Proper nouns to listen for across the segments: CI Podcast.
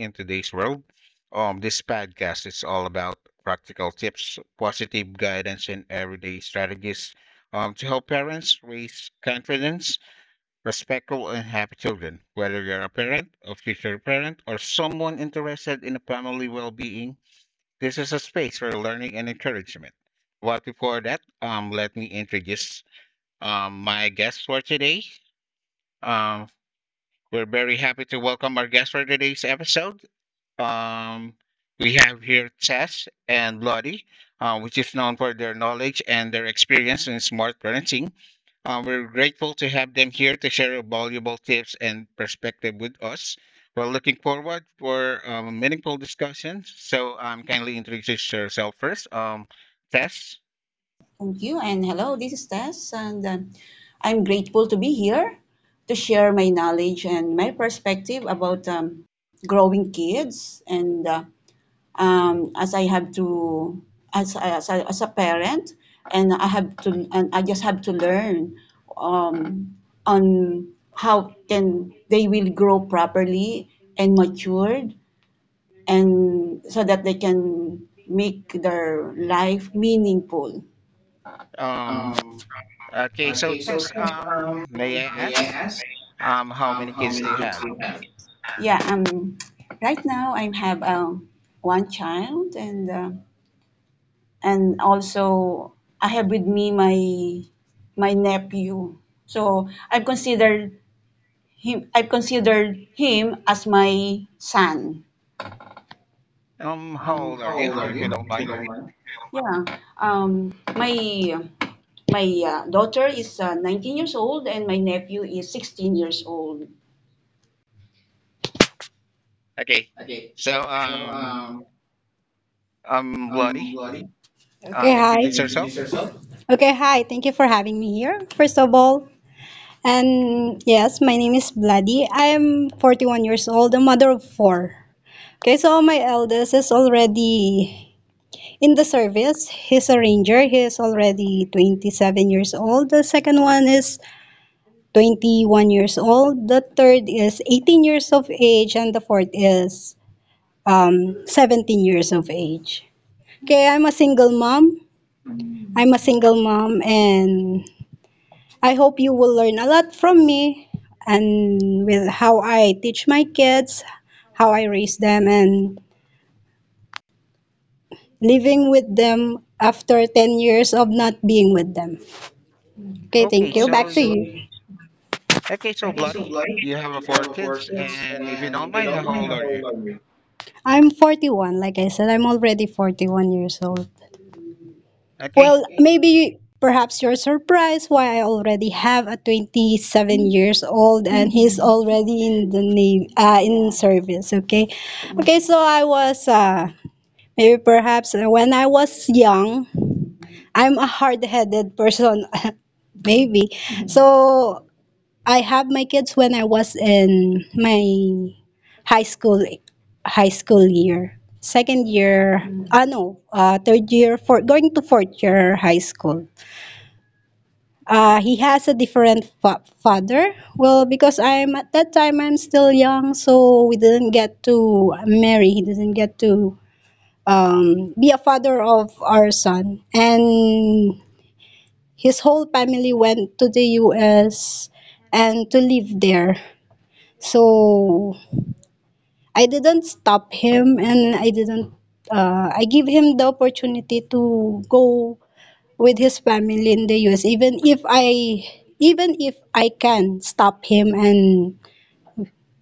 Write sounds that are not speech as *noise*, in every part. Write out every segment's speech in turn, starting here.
in today's world. This podcast is all about practical tips, positive guidance, and everyday strategies to help parents raise confidence, respectful, and happy children. Whether you're a parent, a future parent, or someone interested in family well-being, this is a space for learning and encouragement. But before that, let me introduce my guest for today. Um, we're very happy to welcome our guests for today's episode. Um, we have here Tess and Lottie, which is known for their knowledge and their experience in smart parenting. We're grateful to have them here to share valuable tips and perspective with us. We're looking forward for a meaningful discussion. So kindly introduce yourself first. Tess. Thank you, and hello, this is Tess, and I'm grateful to be here to share my knowledge and my perspective about growing kids. And as I have to, as a parent, and I just have to learn um, on how can they will grow properly and matured, and so that they can make their life meaningful. Um, okay, so Tess, may I ask how many kids do you have? Yeah, right now I have one child and also I have with me my nephew. So I've considered him, I've considered him as my son. How old are you, if you don't mind? Yeah. Um, my my daughter is 19 years old and my nephew is 16 years old. Okay. So, I'm Bloody, Okay, introduce hi. yourself. Okay, hi. Thank you for having me here. First of all, and yes, my name is Vladi. I'm 41 years old, a mother of four. Okay, so my eldest is already in the service. He's a ranger. He is already 27 years old. The second one is 21 years old. The third is 18 years of age. And the fourth is 17 years of age. Okay, I'm a single mom. I'm a single mom and I hope you will learn a lot from me and with how I teach my kids, how I raise them, and living with them after 10 years of not being with them. Okay, Okay, thank you. so, Back to y- you. okay, so Bloody, you have four kids, and if you don't mind, how old are you? I'm 41. Like I said, I'm already 41 years old. Okay. Well, maybe perhaps you're surprised why I already have a 27 years old and he's already in the name in service. Okay, okay. So I was Maybe perhaps when I was young, I'm a hard-headed person, *laughs* maybe. So I have my kids when I was in my high school high school year, second year, ah no, third year, for going to fourth year high school. He has a different father. Well, because I'm at that time I'm still young, so we didn't get to marry. He didn't get to be a father of our son. And his whole family went to the US and to live there. So I didn't stop him and I didn't, I give him the opportunity to go with his family in the US, even if I can stop him and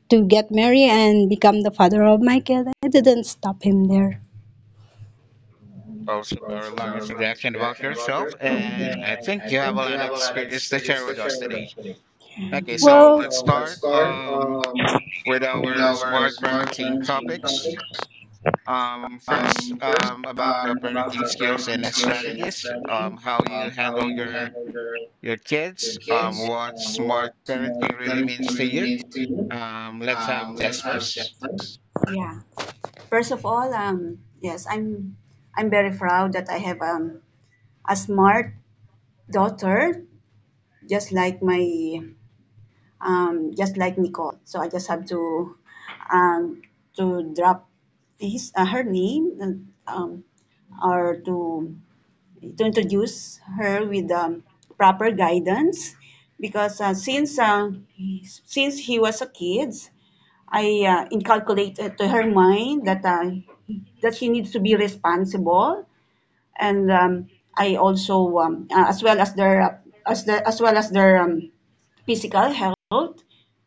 to get married and become the father of my kid, I didn't stop him there. Also, very long introduction about yourself, and I think you have a lot of experience to share with us today. Okay, so let's Well, start, with our smart parenting topics. First, about the parenting skills and strategies, how you handle your kids, what smart parenting really means to you. Let's have Jess first. yeah. First of all, yes, I'm very proud that I have a smart daughter, just like my just like Nicole. So I just have to um, drop his her name and, or to introduce her with proper guidance because since since he was a kid, I inculcated to her mind that she needs to be responsible, and I also as well as their as the as well as their physical health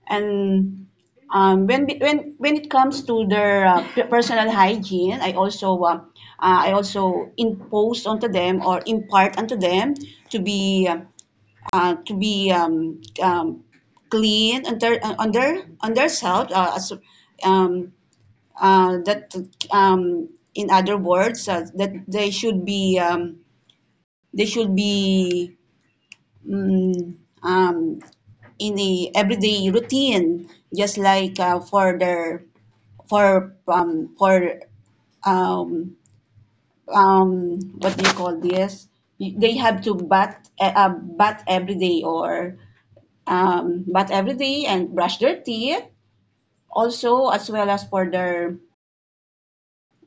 and when it comes to their personal hygiene, I also impose onto them or impart onto them to be uh, to be um, um, clean on their self as um, that um, in other words that they should be mm, um, in the everyday routine, just like for their for um um what do you call this? They have to bat every day or bat every day and brush their teeth. Also, as well as for their,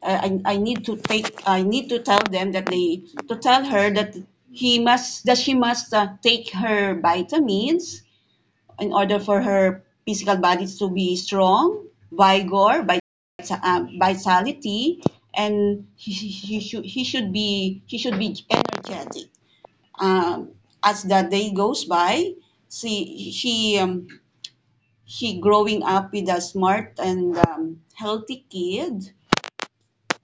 I need to take I need to tell them that they to tell her that he must that she must take her vitamins in order for her physical body to be strong, vigor, vitality, and he should be energetic. Um, as the day goes by, she she um, she growing up with a smart and healthy kid,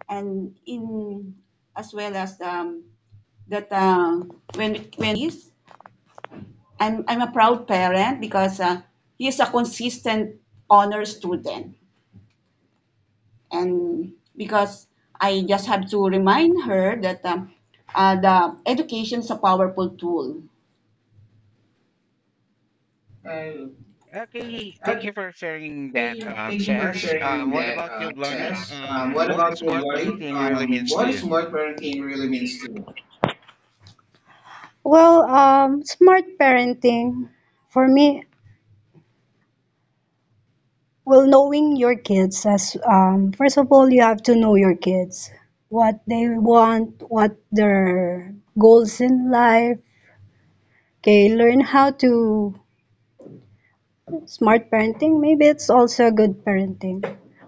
and in as well as that when I'm a proud parent because he is a consistent honor student. And because I just have to remind her that the education is a powerful tool. Okay, thank you for sharing that, Jess. What about you, Bloody? What is smart parenting really means to you? Well, smart parenting for me, well, knowing your kids as first of all, you have to know your kids, what they want, what their goals in life. Okay, learn how to. Smart parenting, maybe it's also good parenting.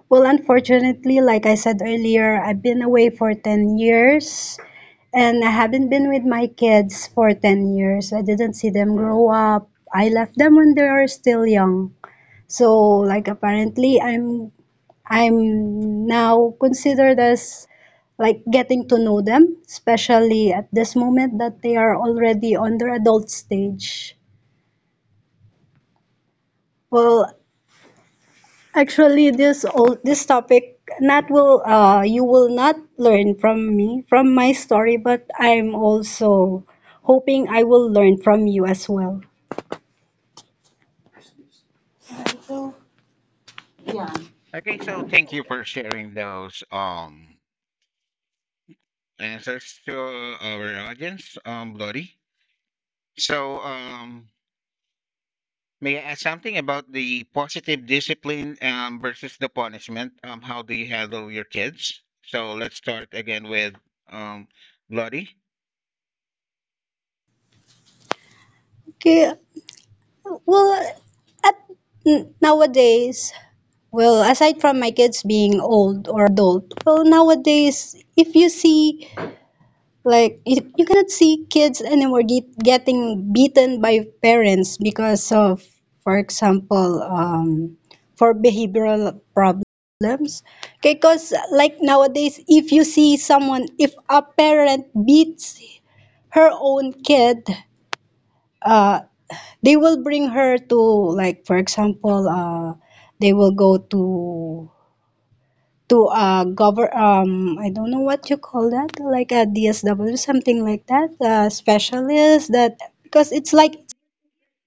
Well, unfortunately, like I said earlier, I've been away for 10 years and I haven't been with my kids for 10 years. I didn't see them grow up. I left them when they are still young. So, like apparently I'm now considered as like getting to know them, especially at this moment that they are already on their adult stage. Well, actually, this all this topic not will you will not learn from me from my story, but I'm also hoping I will learn from you as well. Yeah. Okay, so thank you for sharing those answers to our audience, Bloody. So, May I ask something about the positive discipline versus the punishment? How do you handle your kids? So let's start again with um, Lottie. Okay, well, at nowadays, well, aside from my kids being old or adult, well, nowadays, if you see. Like you cannot see kids anymore getting beaten by parents because of, for example, for behavioral problems. Because like nowadays, if you see someone, if a parent beats her own kid, uh, they will bring her to like, for example, they will go to govern I don't know what you call that like a DSW something like that specialist, that because it's like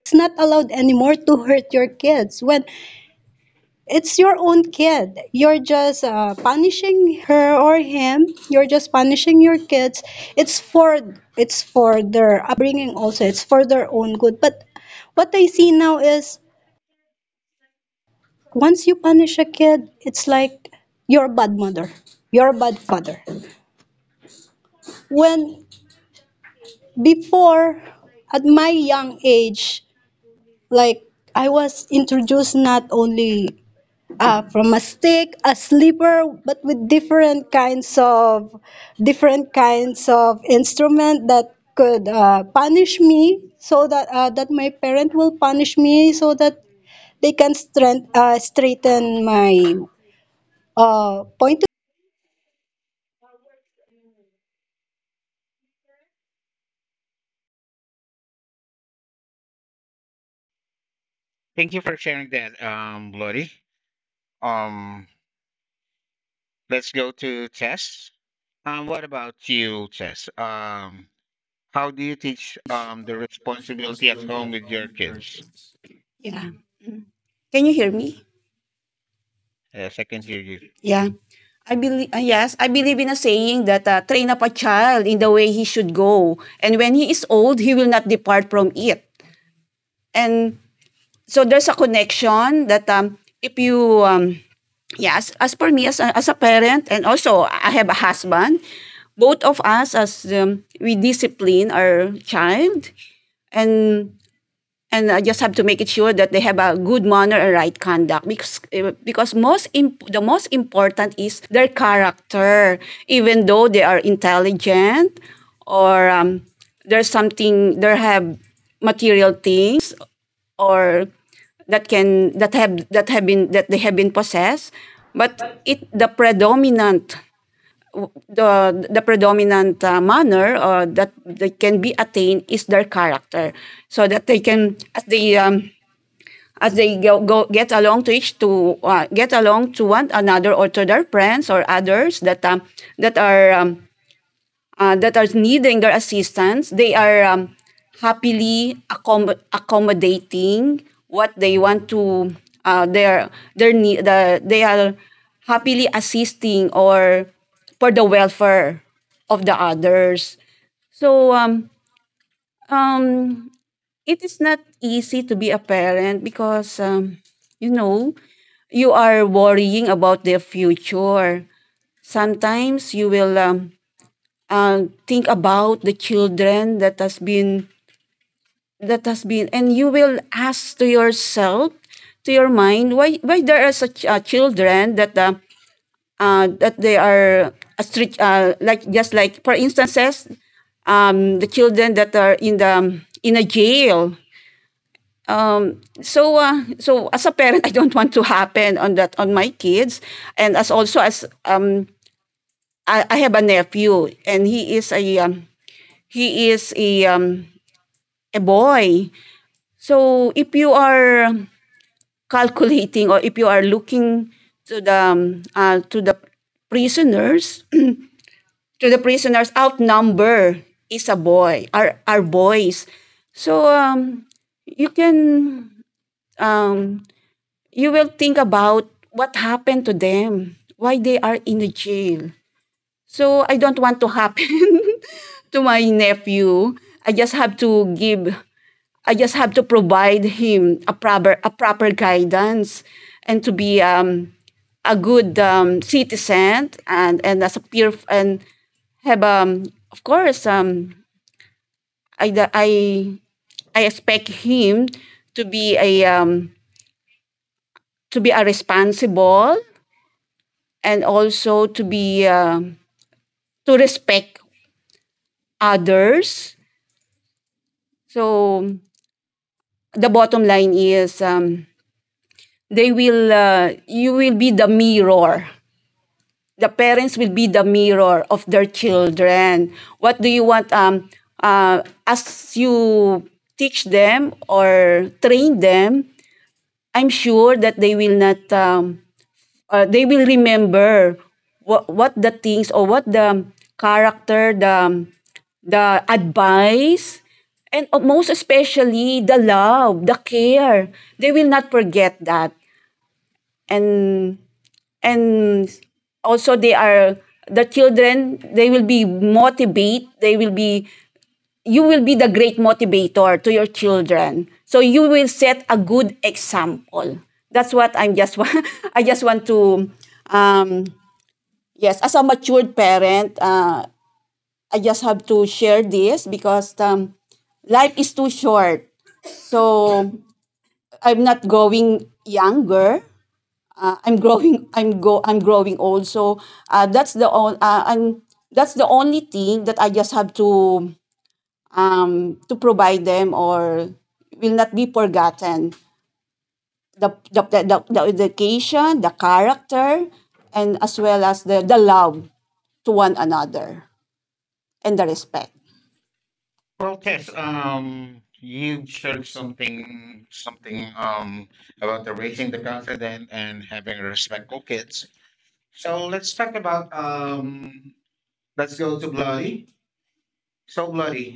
it's not allowed anymore to hurt your kids when it's your own kid. You're just punishing her or him, you're just punishing your kids. It's for, it's for their upbringing, also it's for their own good. But what I see now is, once you punish a kid, it's like you're a bad mother, you're a bad father, when before, at my young age, like I was introduced not only from a stick, a slipper, but with different kinds of, different kinds of instrument that could punish me so that my parent will punish me so that they can strength, straighten my point. Thank you for sharing that, Lottie. Um, let's go to Tess. What about you, Tess? How do you teach the responsibility at home with your kids? Yeah. Can you hear me? Yes, I can hear you. Yeah. I believe I believe in a saying that train up a child in the way he should go, and when he is old, he will not depart from it. And so there's a connection that if you yes, as per me as a parent, and also I have a husband, both of us, as we discipline our child, and I just have to make it sure that they have a good manner and right conduct because because the most important is their character, even though they are intelligent or there's something, there have material things, or that can that have been that they have been possessed. But it the predominant manner that they can be attained is their character, so that they can as they go, go get along to each to get along to one another, or to their friends, or others that that are um, that are needing their assistance. They are happily accommodating what they want to uh, their their need. They are happily assisting, or for the welfare of the others. So um, it is not easy to be a parent because you know you are worrying about their future. Sometimes you will and think about the children that has been, and you will ask to yourself, to your mind, why there are such children that they are a strict, like, just like for instances, the children that are in the in a jail, so as a parent, *laughs* I don't want to happen on that on my kids. And as also, as I have a nephew, and he is a boy. So if you are calculating, or if you are looking to the prisoners, *clears throat* to the prisoners, outnumber is a boy are boys. So you can um, you will think about what happened to them, why they are in the jail. So I don't want to happen *laughs* to my nephew. I just have to provide him a proper guidance, and to be a good citizen, and as a peer, and have of course, I the- I expect him to be a um to be a responsible, and also to be to respect others. So the bottom line is, they will, you will be the mirror, the parents will be the mirror of their children. What do you want, as you teach them or train them? I'm sure that they will not they will remember what the things, or what the character, the advice, and most especially the love, the care. They will not forget that. And and also, they are the children, they will be, you will be the great motivator to your children, so you will set a good example. That's what I'm just wa- *laughs* I just want to, um yes, as a matured parent, I just have to share this because life is too short. So I'm not going younger, I'm growing *laughs* I'm growing old. So uh, that's the on, uh, I'm that's the only thing that I just have to provide them, or will not be forgotten: the education, the character, and as well as the love to one another, and the respect. Well, Tess, you shared something, about the raising the confident and having respectful kids. So let's talk about, let's go to Bloody. So Bloody,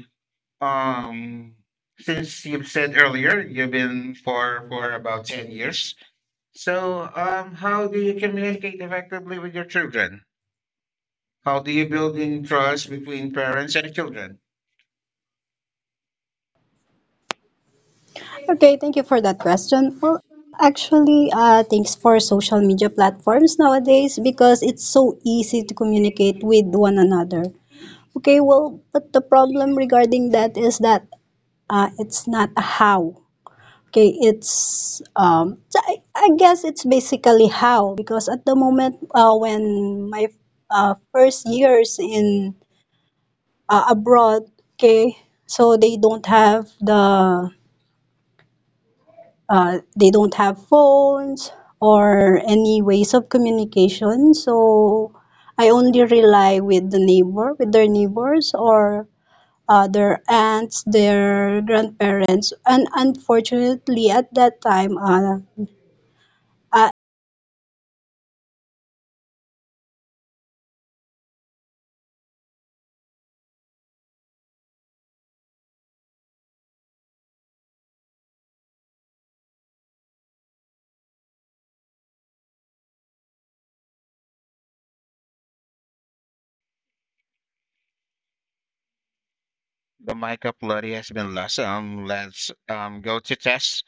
um, since you've said earlier, you've been for about 10 years. So, how do you communicate effectively with your children? How do you build in trust between parents and children? Okay, thank you for that question. Well, actually, thanks for social media platforms nowadays because it's so easy to communicate with one another. Okay, well, but the problem regarding that is that it's not a how. Okay, it's so I guess it's basically how because at the moment when my first years in abroad, okay, so they don't have the they don't have phones or any ways of communication. So I only rely with the neighbor, with their neighbors or their aunts, their grandparents. And unfortunately, at that time, The Michael Plotti has been lost. Let's go to test.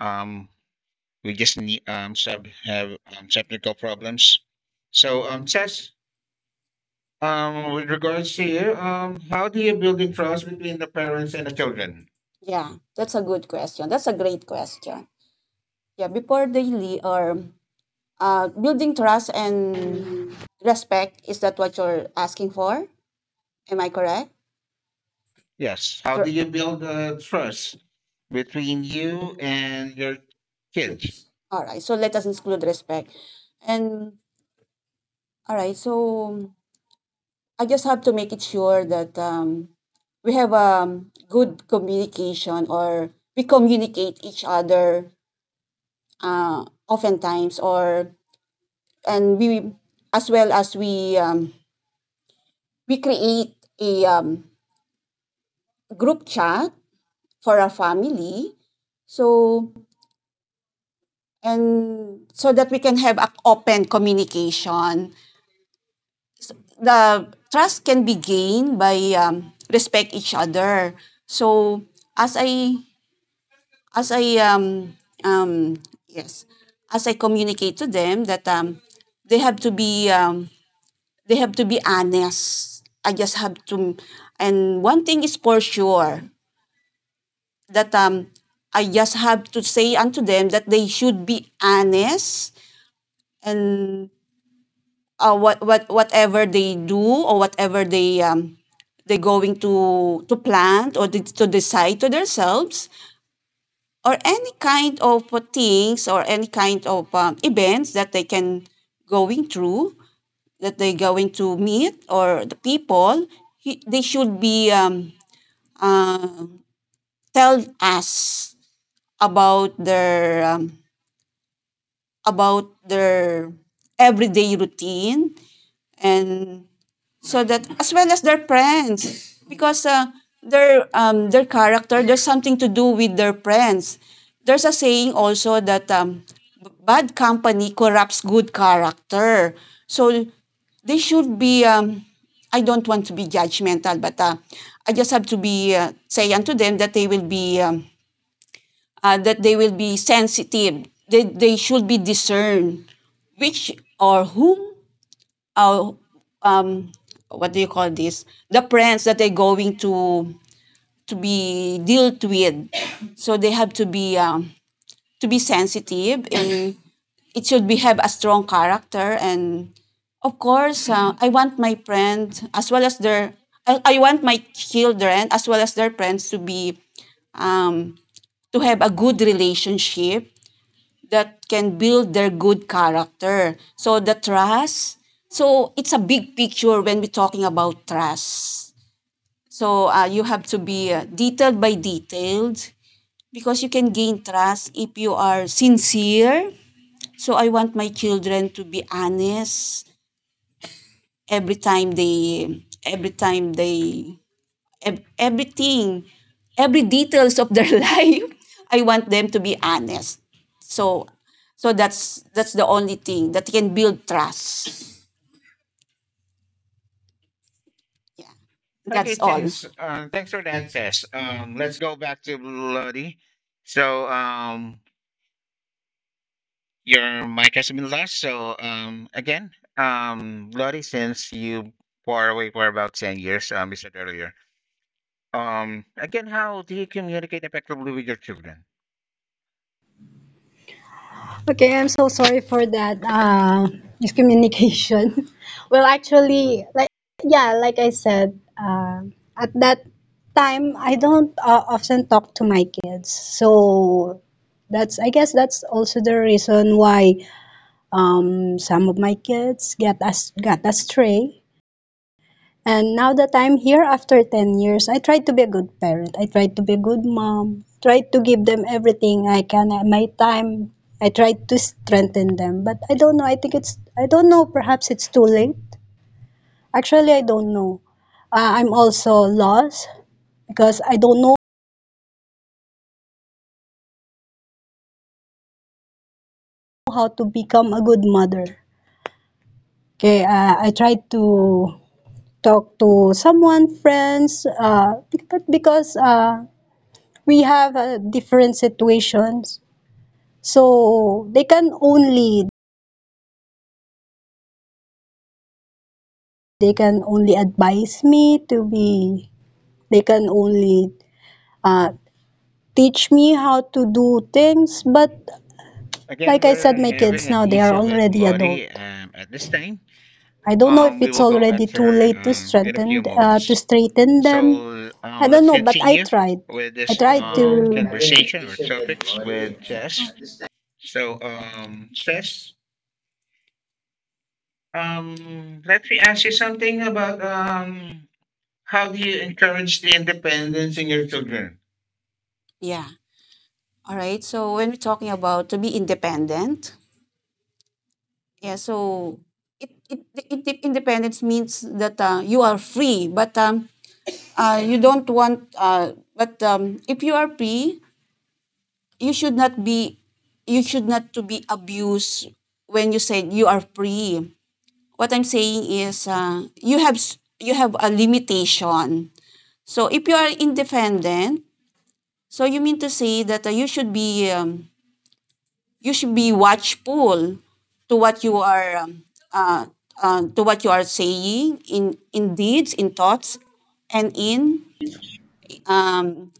Um, we just need sub have technical problems. So test. With regards to you, how do you build in trust between the parents and the children? Yeah, that's a good question. That's a great question. Yeah, before they leave or building trust and respect, is that what you're asking for? Am I correct? Yes. How Sir- do you build trust between you and your kids? All right, so let us include respect. And all right, so I just have to make it sure that we have good communication, or we communicate each other oftentimes, or, and we, as well as we, create a group chat for our family, so and so that we can have a open communication. The trust can be gained by respect each other. So as I as I um, yes, as I communicate to them that they have to be they have to be honest. I just have to, And one thing is for sure, that I just have to say unto them that they should be honest, and whatever they do, or whatever they going to plant, or de- to decide to themselves, or any kind of things, or any kind of events that they can going through, that they going to meet, or the people, they should be uh, tell us about their about their everyday routine, and so that, as well as their friends, because their character, there's something to do with their friends. There's a saying also that bad company corrupts good character. So they should be, I don't want to be judgmental, but I just have to be, say unto them that they will be that they will be sensitive. They should be discerned, which or whom, uh, um, what do you call this? The friends that they're going to be dealt with. So they have to be sensitive, and it should be have a strong character. And of course, I want my friend as well as their I want my children, as well as their friends, to be um, to have a good relationship that can build their good character. So the trust, so it's a big picture when we're talking about trust. So you have to be, detailed by detailed, because you can gain trust if you are sincere. So I want my children to be honest every time they every time they everything, every details of their *laughs* life. I want them to be honest. So, so that's the only thing that can build trust. Yeah, Okay, that's all. thanks. Thanks for that test. Let's go back to Bloody. So your mic has been lost. So again, Lottie, since you were away for about 10 years, you said earlier. Again, how do you communicate effectively with your children? okay, I'm so sorry for that miscommunication. *laughs* Well, actually, like yeah, like I said, at that time I don't often talk to my kids, so that's, I guess that's also the reason why some of my kids get us got astray and now that I'm here after 10 years, I try to be a good parent. I try to be a good mom. Try to give them everything I can, my time. I try to strengthen them. But I don't know. I think it's, I don't know. Perhaps it's too late. Actually, I don't know. I'm also lost because I don't know how to become a good mother. Okay, I tried to talk to someone, friends, but because we have different situations, so, they can only advise me to be, they can only uh, teach me how to do things, but Again, like I we're said, my having kids an now, they are issue with already adult. Lottie at this time. I don't know if We it's will go back already to too her late to in a few strengthen, to moments. straighten them. So I don't let's know, but I continue tried. with I this tried to. Conversation or topics with Jess. So Jess, let me ask you something about how do you encourage the independence in your children? Yeah. All right. So when we're talking about to be independent, yeah. So it independence means that you are free, but you don't want. But if you are free, you should not be you should not to be abused when you said you are free. What I'm saying is, you have a limitation. So if you are independent, so you mean to say that you should be watchful to what you are uh, saying in deeds, in thoughts, and in um,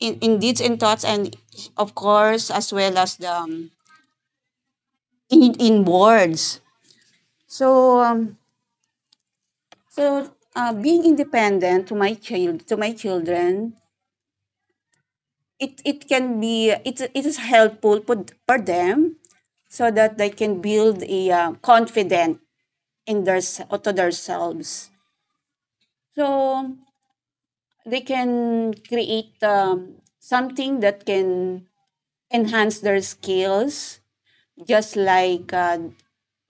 in deeds and thoughts, and of course as well as the, in words. So, so being independent to my child, to my children, it can be it it is helpful for them, so that they can build a confidence in their to themselves. So they can create something that can enhance their skills, just like uh,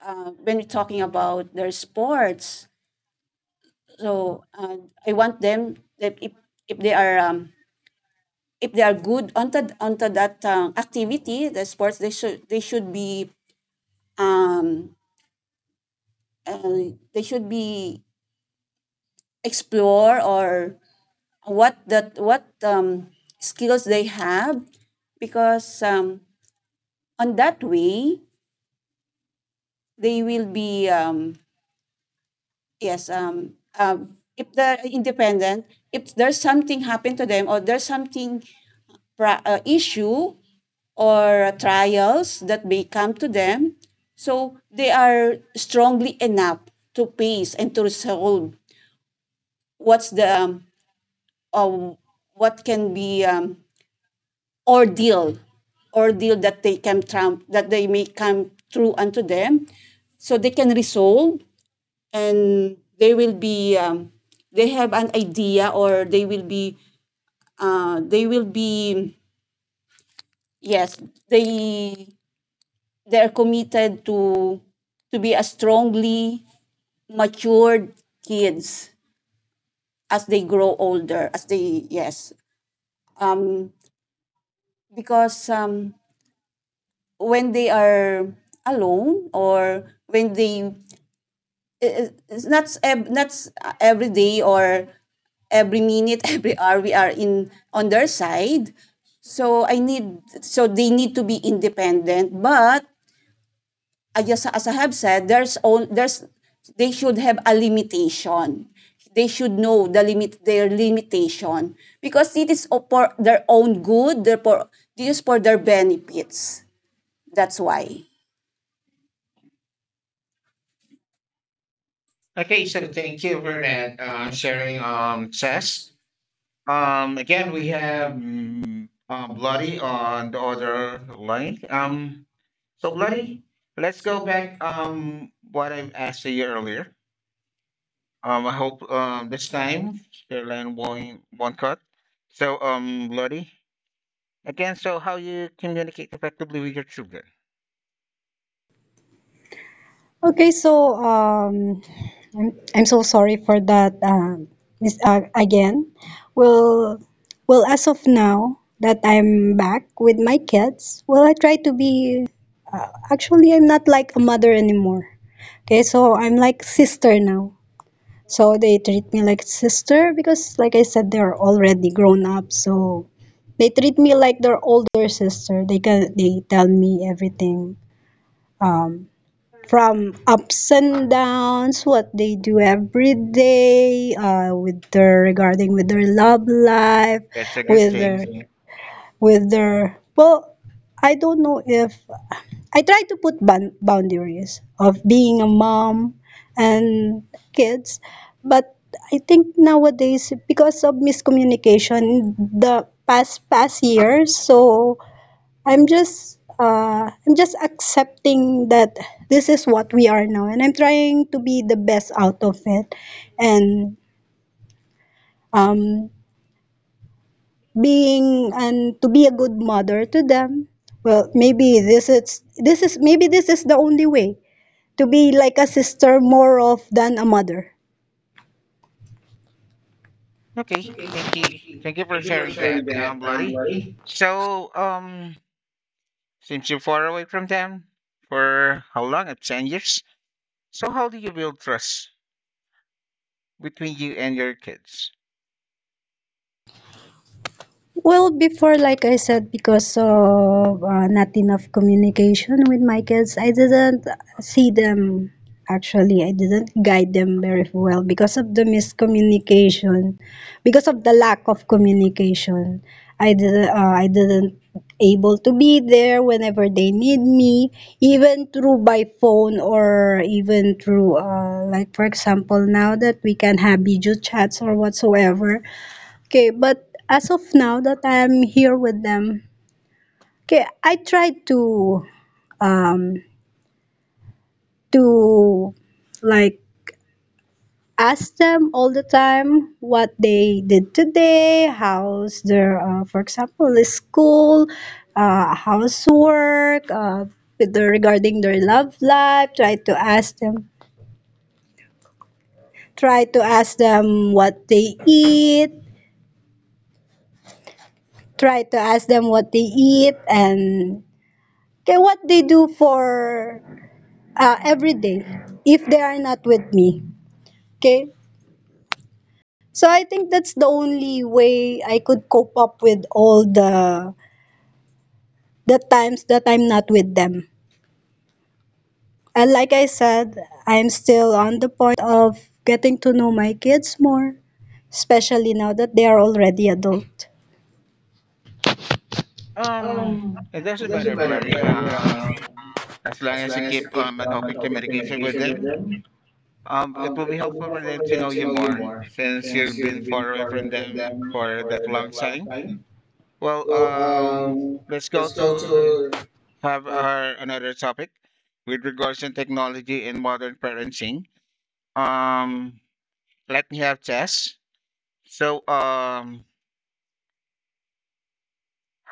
uh, when we're talking about their sports. So I want them that if they are if they are good onto that activity, the sports. They should um, they should be explore, or what skills they have, because on that way they will be yes um, if they're independent, if there's something happen to them, or there's something, issue, or trials that may come to them. So they are strongly enough to face and to resolve what's the um, what can be ordeal ordeal that they can trump, that they may come through unto them. So they can resolve, and they will be, they have an idea, or they will be yes they they're committed to be a strongly matured kids as they grow older, as they, yes, um, because when they are alone, or when they, it- it's not s- ev- not s- every day, or every minute, *laughs* every hour we are in on their side. So I need so they need to be independent. But I just, as I have said, there's all there's they should have a limitation. They should know their limitation, because it is for their own good. Therefore, this is for their benefits. That's why. Okay, so thank you for that sharing, Sess. Again, we have Bloody on the other line. So Bloody, let's go back. What I've asked you earlier. I hope this time Caroline won't cut. So Bloody, again, so how you communicate effectively with your children? Okay, so I'm, I'm so sorry for that, Miss again. Well, well, as of now that I'm back with my kids, well, I try to be. Actually, I'm not like a mother anymore. Okay, so I'm like sister now. So they treat me like sister because, like I said, they're already grown up. So they treat me like their older sister. They tell me everything. Um, from ups and downs, what they do every day, with their, regarding with their love life, That's a good with their thing. with their, well, I don't know if I try to put boundaries of being a mom and kids, but I think nowadays because of miscommunication in the past years, so I'm just accepting that this is what we are now, and I'm trying to be the best out of it, and um, being and to be a good mother to them. Well, maybe this is the only way to be like a sister more of than a mother. Okay, thank you. Thank you for sharing that, Bloody. So, since you're far away from them for how long? 10 years? So, how do you build trust between you and your kids? Well, before, like I said, because of not enough communication with my kids, I didn't see them. Actually, I didn't guide them very well because of the miscommunication, because of the lack of communication. I didn't able to be there whenever they need me, even through by phone or even through, like for example, now that we can have video chats or whatsoever. Okay, but as of now that I am here with them, okay, I tried to um to like ask them all the time what they did today, how's their for example the school, housework, with the, regarding their love life. Try to ask them, try to ask them what they eat. Try to ask them what they eat and okay, what they do for every day if they are not with me. Okay? So I think that's the only way I could cope up with all the times that I'm not with them. And like I said, I'm still on the point of getting to know my kids more, especially now that they are already adult. Um, it doesn't matter, Bloody. As long as you keep an open communication with them, it will be helpful for them to know you more since you've been far away from them for that long time. Well, let's go to have our another topic with regards to technology and modern parenting. Um, Let me have Tess. So,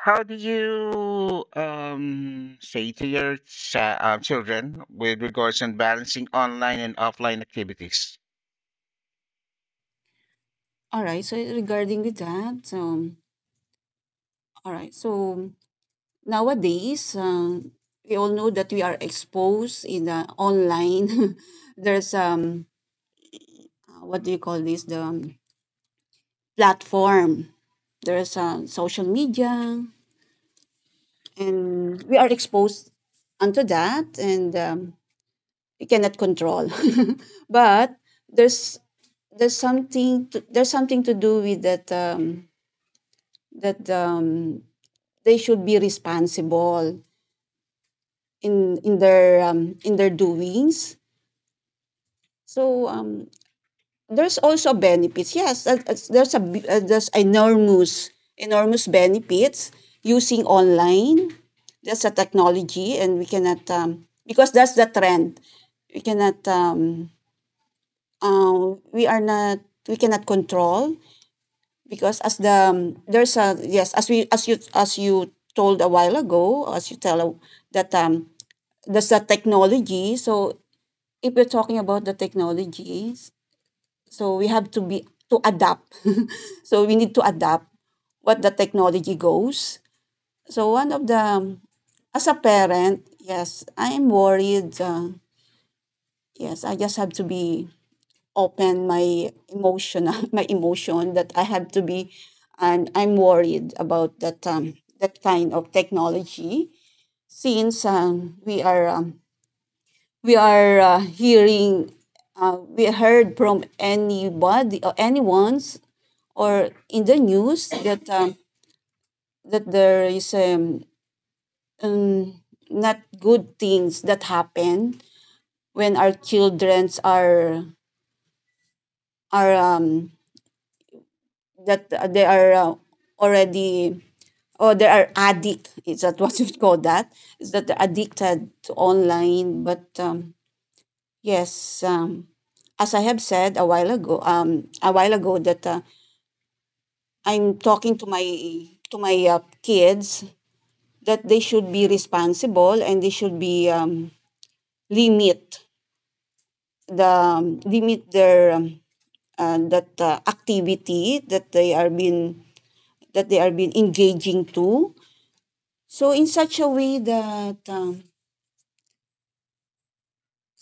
how do you say to your children with regards to balancing online and offline activities? All right. So regarding with that, all right. So nowadays, we all know that we are exposed in the online. *laughs* There's, what do you call this? The platform. There's social media and we are exposed unto that and we cannot control *laughs* but there's there's something to, there's something to do with that that they should be responsible in their doings so there's also benefits. Yes, there's a there's enormous benefits using online. That's a technology, and we cannot because that's the trend. We cannot we are not we cannot control because as the there's a yes as we as you told a while ago as you that there's a technology. So if we're talking about the technologies, so we have to be to adapt. *laughs* So we need to adapt what the technology goes. So one of the as a parent, yes, I am worried. Yes, I just have to be open my emotion, *laughs* my emotion that I have to be, and I'm worried about that that kind of technology since we are hearing we heard from anybody or anyone's or in the news that that there is um, not good things that happen when our childrens are are um, that they are already or they are addict, is that what *laughs* you call that, is that they're addicted to online, but yes as I have said a while ago, that I'm talking to my kids that they should be responsible and they should be limit the limit their that activity that they are been that they are been engaging to, so in such a way that um,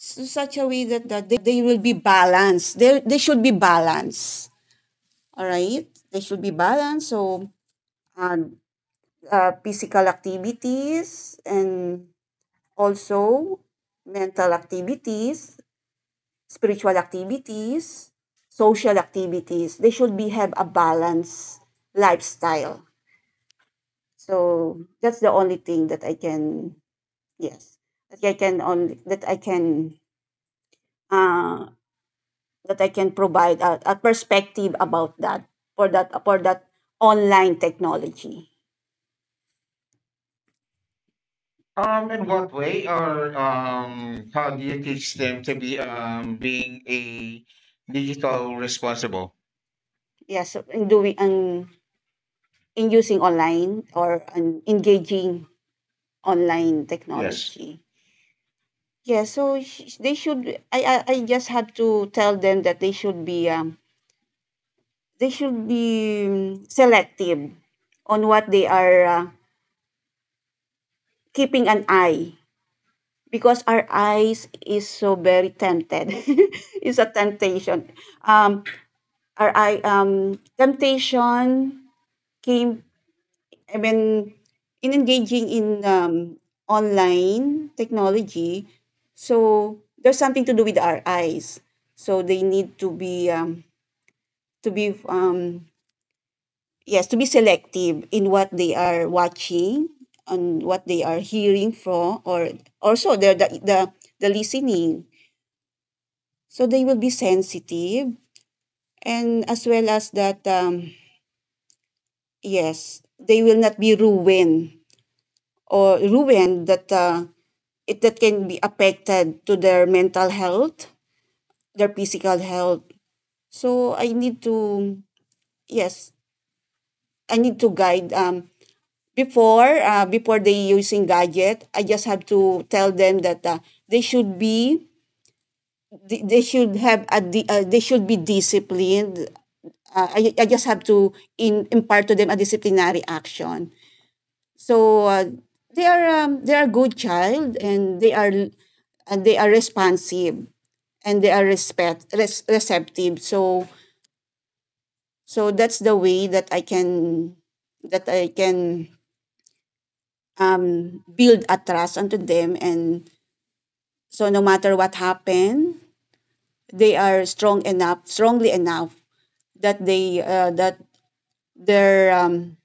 s- such a way that they will be balanced, they should be balanced, all right, they should be balanced. So uh, physical activities and also mental activities, spiritual activities, social activities. They should be have a balanced lifestyle. So that's the only thing that I can, yes, that I can only uh, that I can provide a perspective about that, for that, for that online technology. In what way, or how do you teach them to be being a digital responsible? Yes, so, in doing in using online or engaging online Yes. technology. Yeah, so they should. I just have to tell them that they should be selective on what they are keeping an eye, because our eyes is so very tempted. *laughs* It's a temptation. Um, our eye temptation came. I mean, in engaging in online technology, so there's something to do with our eyes. So they need to be yes to be selective in what they are watching, on what they are hearing from, or also the the listening, so they will be sensitive, and as well as that yes they will not be ruined or ruined that it that can be affected to their mental health, their physical health. So I need to, yes, I need to guide before, before they using gadget, I just have to tell them that they should be they should have a they should be disciplined. I just have to impart to them a disciplinary action. So they are good child and they are responsive and they are receptive. So so that's the way that I can that I can build a trust onto them. And so no matter what happened, they are strong enough, strongly enough that they that their um,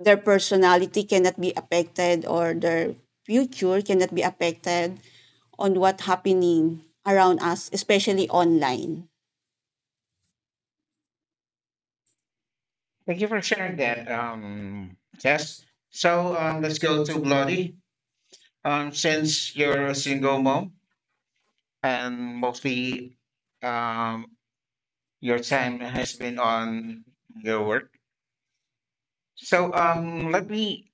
their personality cannot be affected or their future cannot be affected on what happening around us, especially online. Thank you for sharing that, Jess. So let's go to Bloody. Since you're a single mom and mostly um, your time has been on your work, so let me.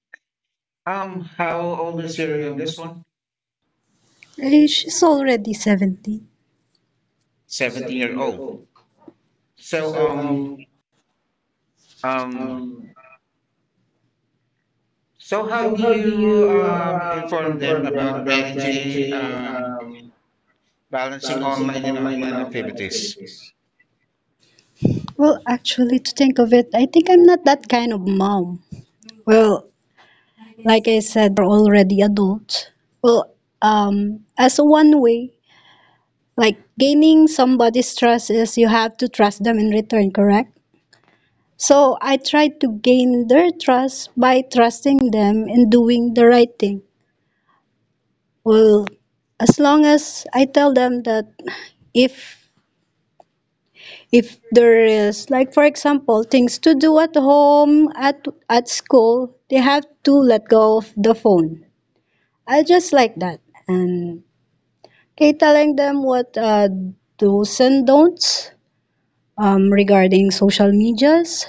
How old is your youngest one? She's already 17. 17 year old. So um so how do you inform them about managing balancing online and offline activities? Well, actually, to think of it, I think I'm not that kind of mom. Well, like I said, already adults. Well, as a one way, like gaining somebody's trust is you have to trust them in return, correct? So I tried to gain their trust by trusting them and doing the right thing. Well, as long as I tell them that if if there is like for example things to do at home at school, they have to let go of the phone. I just like that. And okay, telling them what do's and don'ts regarding social medias.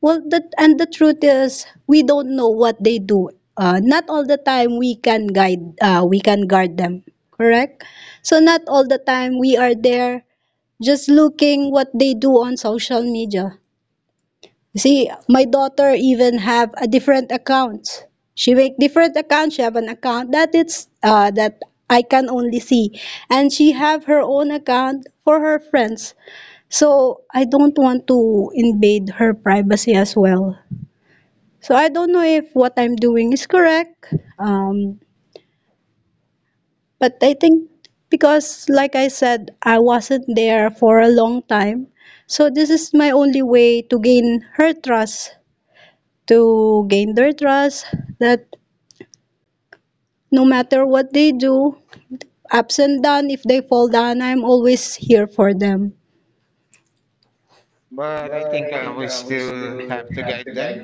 Well, that and the truth is, we don't know what they do. Not all the time we can guide, we can guard them. Correct. So not all the time we are there just looking what they do on social media. See, my daughter even have a different account. She make different account. She have an account that it's that I can only see, and she have her own account for her friends. So I don't want to invade her privacy as well. So I don't know if what I'm doing is correct. Um, but I think because, like I said, I wasn't there for a long time. So this is my only way to gain her trust, to gain their trust that no matter what they do, ups and down, if they fall down, I'm always here for them. But I think we still have to guide them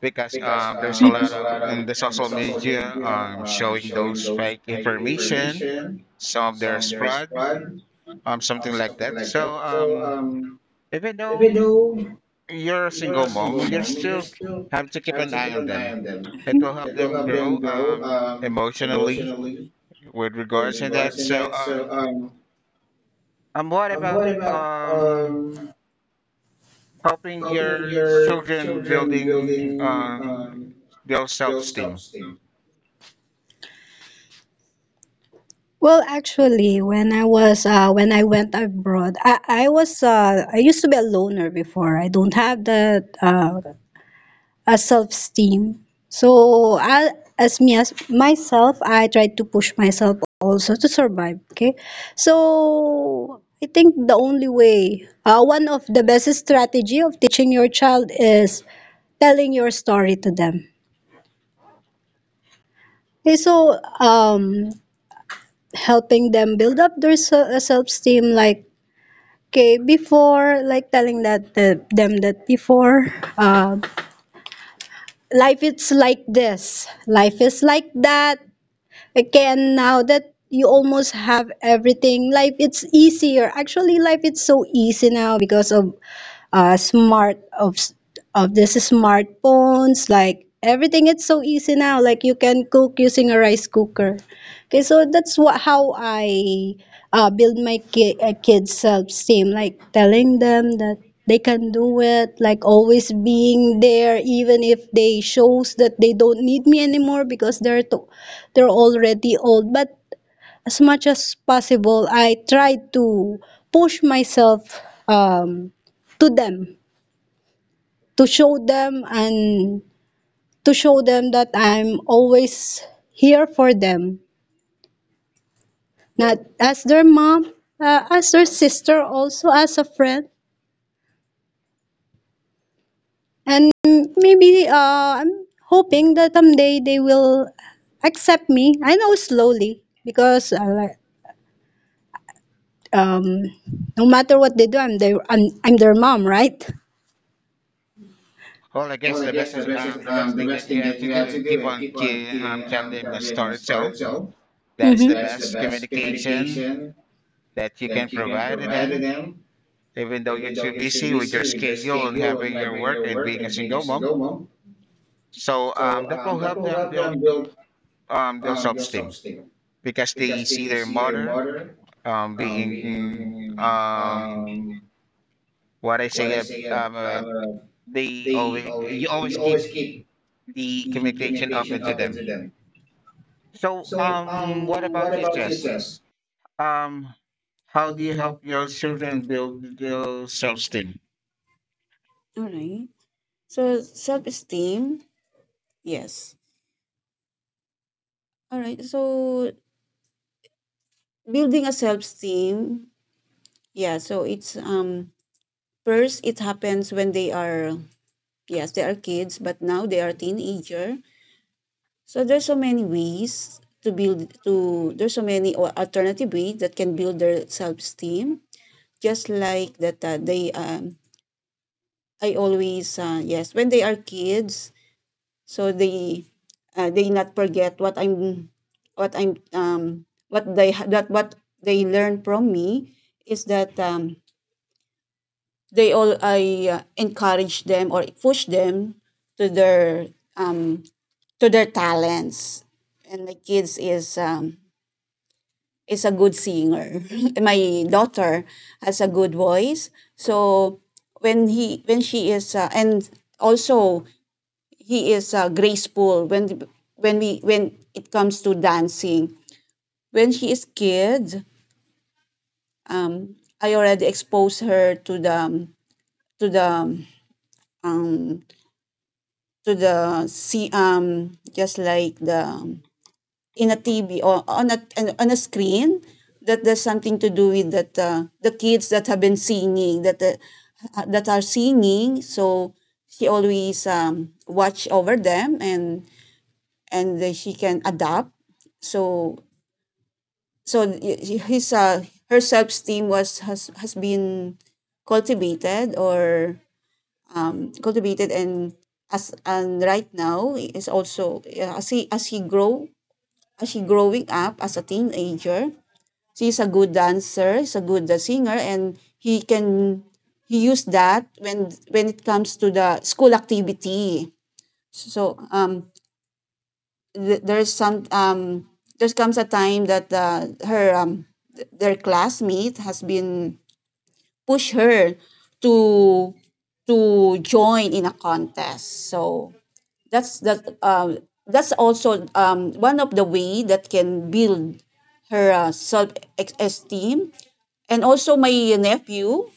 because there's a lot of in the social media showing those fake information, some of their fraud, something like that. So even though you're a single mom, you still have to keep an eye on them. It will help them grow emotionally with regards to that. So what about um, helping your children building their self-esteem? Well, actually, when I was when I went abroad, I used to be a loner before. I don't have that a self-esteem. So I, as me as myself, I try to push myself also to survive. Okay, so I think the only way, one of the best strategy of teaching your child is telling your story to them. Okay, so helping them build up their self-esteem, like okay, before like telling that them that before. Uh, Life is like this, life is like that again now that you almost have everything. Life it's easier. Actually, life it's so easy now because of smart of this smartphones, like everything it's so easy now, like you can cook using a rice cooker. Okay, so that's what how I build my kids self-esteem, like telling them that they can do it, like always being there even if they shows that they don't need me anymore because they're already old. But as much as possible, I try to push myself um, to them, to show them and to show them that I'm always here for them, not as their mom, as their sister, also as a friend. And maybe I'm hoping that someday they will accept me. I know slowly because um, no matter what they do, I'm their mom, right? Well, I guess the best is, the best thing that you have to do and keep on telling them a story, so that is Mm-hmm. the best communication that you can provide to them even though you're too busy with your schedule and having your work and being a single mom. So that will help them build their self-esteem because they see their mother being what I say um, uh, they always you always keep the communication open to them. So, what about your Jess? Um, how do you help your children build their self-esteem? All right. So self esteem, yes. All right. So building a self esteem, yeah. So it's first it happens when they are, yes, they are kids, but now they are teenager. So there's so many ways to build to there's so many or alternative ways that can build their self-esteem. Just like that they I always yes when they are kids, so they not forget what I'm what I'm what they that what they learn from me is that they all I encourage them or push them to their um to their talents, and the kids is a good singer. *laughs* My daughter has a good voice. So when he when she is and also he is graceful when we when it comes to dancing. When she is kid, um, I already exposed her to the to the um to the see just like the in a TV or on a screen that there's something to do with that the kids that have been singing that that are singing. So she always watch over them and she can adapt. So so his her self esteem was has been cultivated or cultivated, and as and right now is also as he grow as he growing up as a teenager, she's a good dancer, he's a good singer, and he can he used that when it comes to the school activity. So there's some there comes a time that her their classmate has been push her to to join in a contest. So that's that's also one of the way that can build her self esteem. And also my nephew,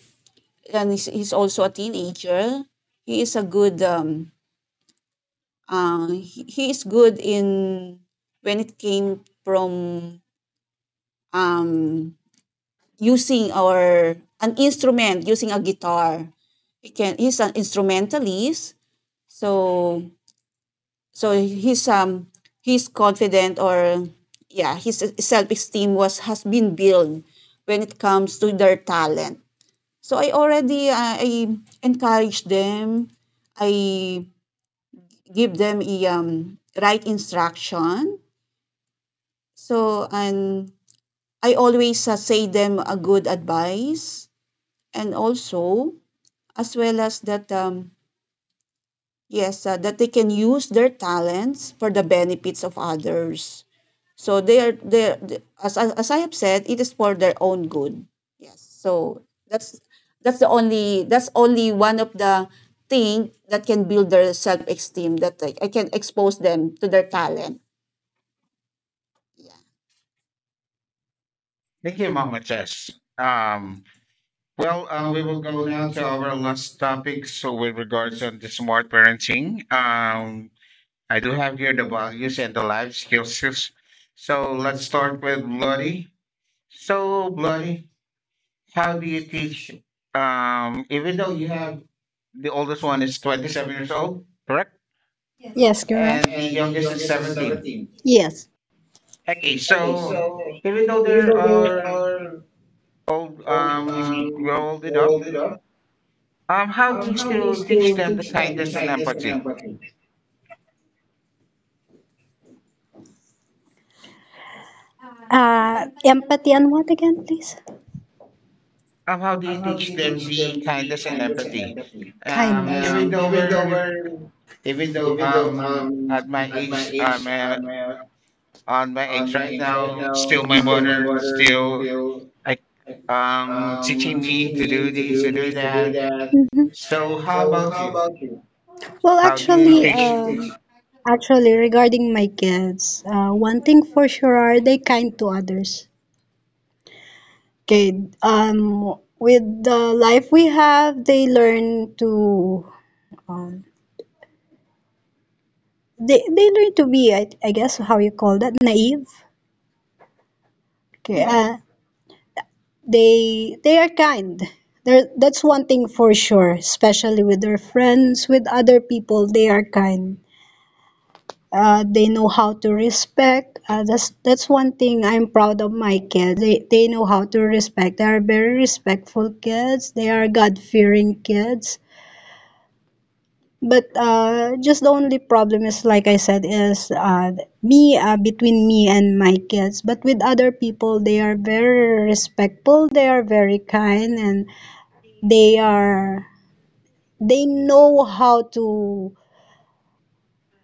and he's also a teenager. He is a good he is good in when it came from um using our an instrument, using a guitar. He can he's an instrumentalist. So so he's confident or yeah his self esteem was has been built when it comes to their talent. So I already, I encourage them. I give them a right instruction. So and I always say them a good advice, and also as well as that yes that they can use their talents for the benefits of others. So they are they as I have said, it is for their own good. Yes. So that's that's the only that's only one of the thing that can build their self esteem, that I can expose them to their talent. Yeah. Thank you, Mama Tess. Um, well, we will go now to our last topic. So, with regards on the smart parenting, I do have here the values and the life skills. So, let's start with Bloody. So, Bloody, how do you teach even though you have the oldest one is 27 years old, correct? Yes, correct. And the youngest is 17. Yes. Okay, so even though they are old, we're old enough, how do you still teach them the kindness and empathy? Empathy and what again, please? How do you teach them the kindness and empathy? Kindness. Even though we're, even though at my age, on my age right now, still my mother, still I teaching me to do this, to do that. Hmm. So how about you? Well, how How do you actually, teach? Actually, regarding my kids, one thing for sure, are they kind to others. Okay, um, with the life we have, they learn to, um, they learn to be, I guess, how you call that, naive. Okay, uh, they are kind. There that's one thing for sure, especially with their friends, with other people, they are kind. They know how to respect. That's one thing I'm proud of my kids. They know how to respect. They are very respectful kids. They are God fearing kids. But just the only problem is, like I said, is me between me and my kids. But with other people, they are very respectful. They are very kind and they are they know how to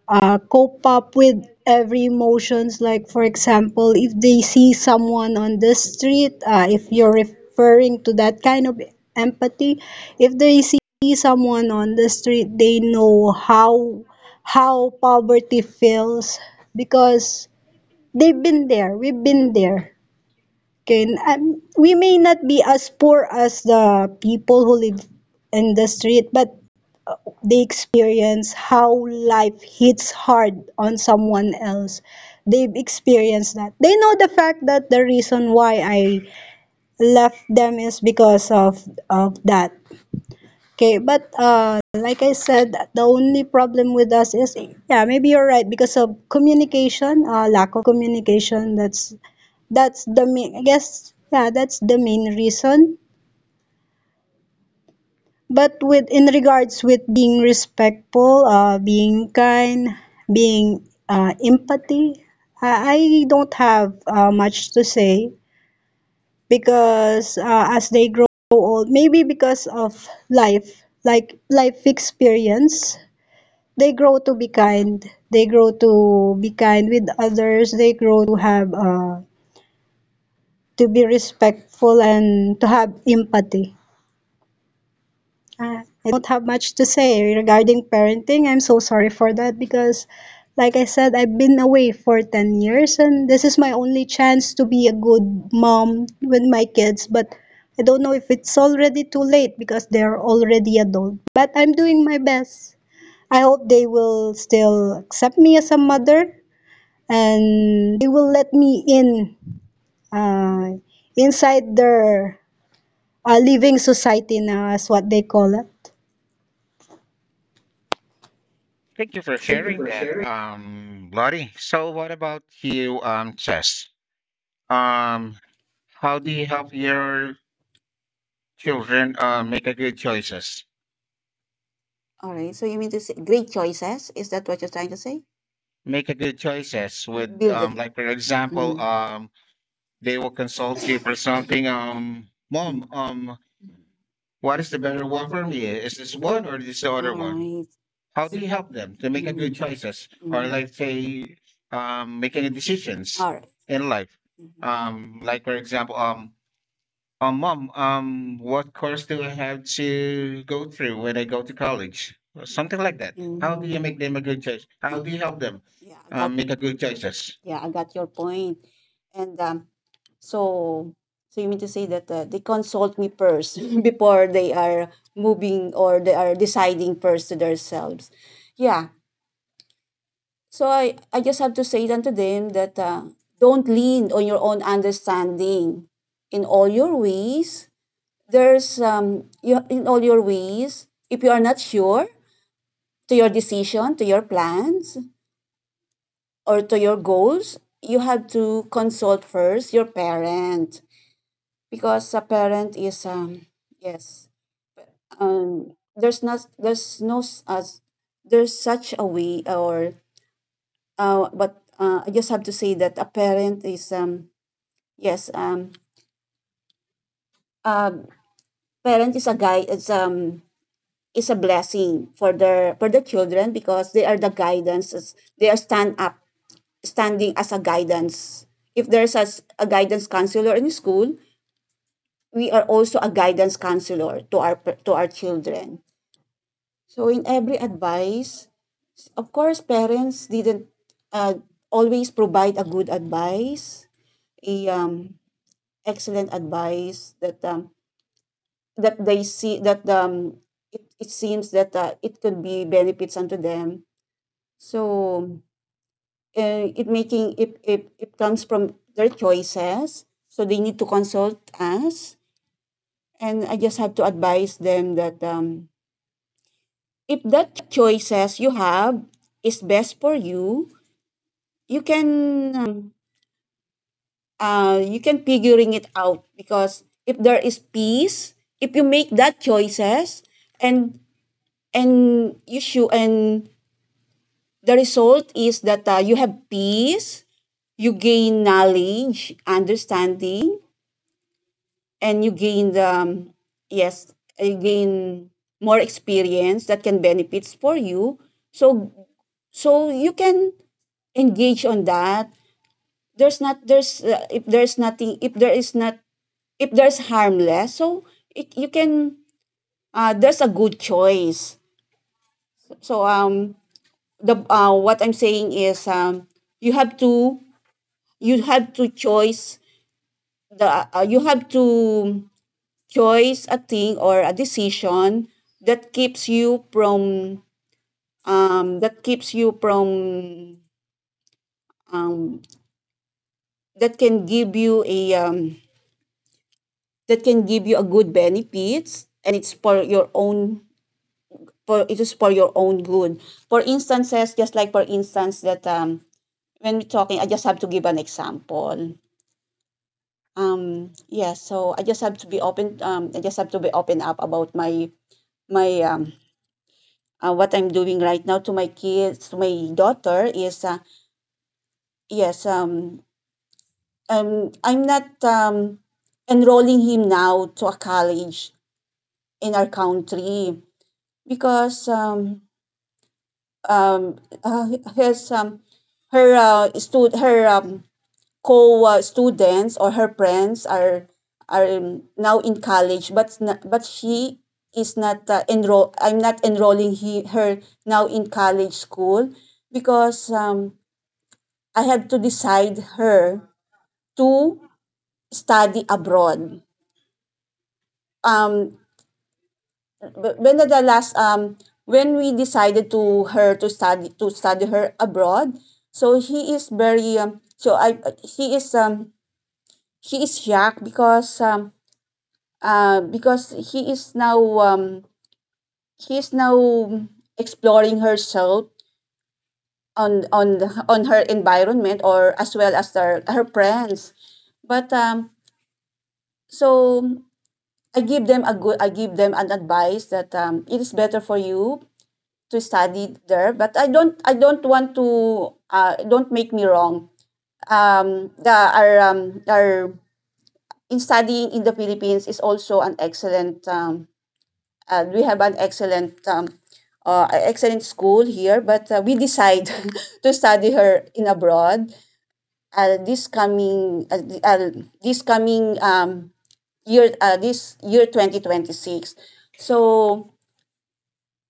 cope up with every emotions, like for example if they see someone on the street, if you're referring to that kind of empathy, if they see someone on the street, they know how poverty feels because they've been there, we've been there. Can We may not be as poor as the people who live in the street, but uh, they experience how life hits hard on someone else. They've experienced that. They know the fact that the reason why I left them is because of that. Okay, but like I said, the only problem with us is yeah, maybe you're right because of communication, lack communication. That's the main, I guess, yeah, that's the main reason. But with in regards with being respectful, being kind, being empathy, I don't have much to say because as they grow old, maybe because of life, like life experience, they grow to be kind. They grow to be kind with others. They grow to have to be respectful and to have empathy. I don't have much to say regarding parenting. I'm so sorry for that because, like I said, I've been away for 10 years and this is my only chance to be a good mom with my kids. But I don't know if it's already too late because they're already adult. But I'm doing my best. I hope they will still accept me as a mother and they will let me in uh, inside their living society now, as what they call it. Thank you for sharing that, Lottie. So what about you, Chess? Um, how do you help your children make a good choices? All right. So you mean to say great choices? Is that what you're trying to say? Make a good choices with Build it. Like for example, Mm. They will consult you for something. Mom, what is the better one for me? Is this All one or this the other one? right. How do you help Do. them to make a good choices or like Mm. say making decisions All right. in life? Mm-hmm. Like for example, mom, what course do I have to go through when I go to college? Or something like that. How How. do Mhm. you make them a good Mm-hmm. choice? How do you help them Yeah, I got, make a good choices? yeah, I got your point. And so so you mean to say that they consult me first *laughs* before they are moving or they are deciding first to themselves. Yeah. So I just have to say unto them that don't lean on your own understanding in all your ways. There's you in all your ways. If you are not sure to your decision, to your plans, or to your goals, you have to consult first your parent, because a parent is yes there's not there's no as there's such a way or but I just have to say that a parent is yes uh, parent is a guy is a blessing for their for the children, because they are the guidance, they are stand up standing as a guidance, if there's as a guidance counselor in school, we are also a guidance counselor to our children. So in every advice, of course, parents didn't uh, always provide a good advice, a excellent advice that that they see that it, it seems that it could be benefits unto them. So it making it, it it comes from their choices. So they need to consult us, and I just have to advise them that. If that choices you have is best for you, you can um, you can figuring it out, because if there is peace, if you make that choices and and you should, and the result is that you have peace, you gain knowledge, understanding, and you gain the yes, you gain more experience that can benefits for you, so so you can engage on that. There's not there's uh, if there's nothing, if there's harmless, so it, you can there's a good choice. So the what I'm saying is, you have to you have to choice the you have to choice a thing or a decision that keeps you from um, that keeps you from um, that can give you a good benefits, and it's for your own, for it is for your own good. For instances, just like for instance, that when we're talking, I just have to give an example. Yeah, so I just have to be open, I just have to be open up about my my um what I'm doing right now to my kids, to my daughter, is yes, I'm not enrolling him now to a college in our country because um, uh, his her stud- her co students or her friends are now in college, but but she is not enroll. I'm not enrolling her now in college school because I had to decide her to study abroad. Um, when the last when we decided to her to study her abroad, so he is very so I he is shocked because he is now exploring herself on on her environment, or as well as her her friends. But so I give them an advice that it is better for you to study there, but I don't, I don't want to don't make me wrong, the our in studying in the Philippines is also an excellent we have an excellent excellent school here, but we decide *laughs* to study her in abroad uh, this coming uh, uh, this coming year, this year 2026. So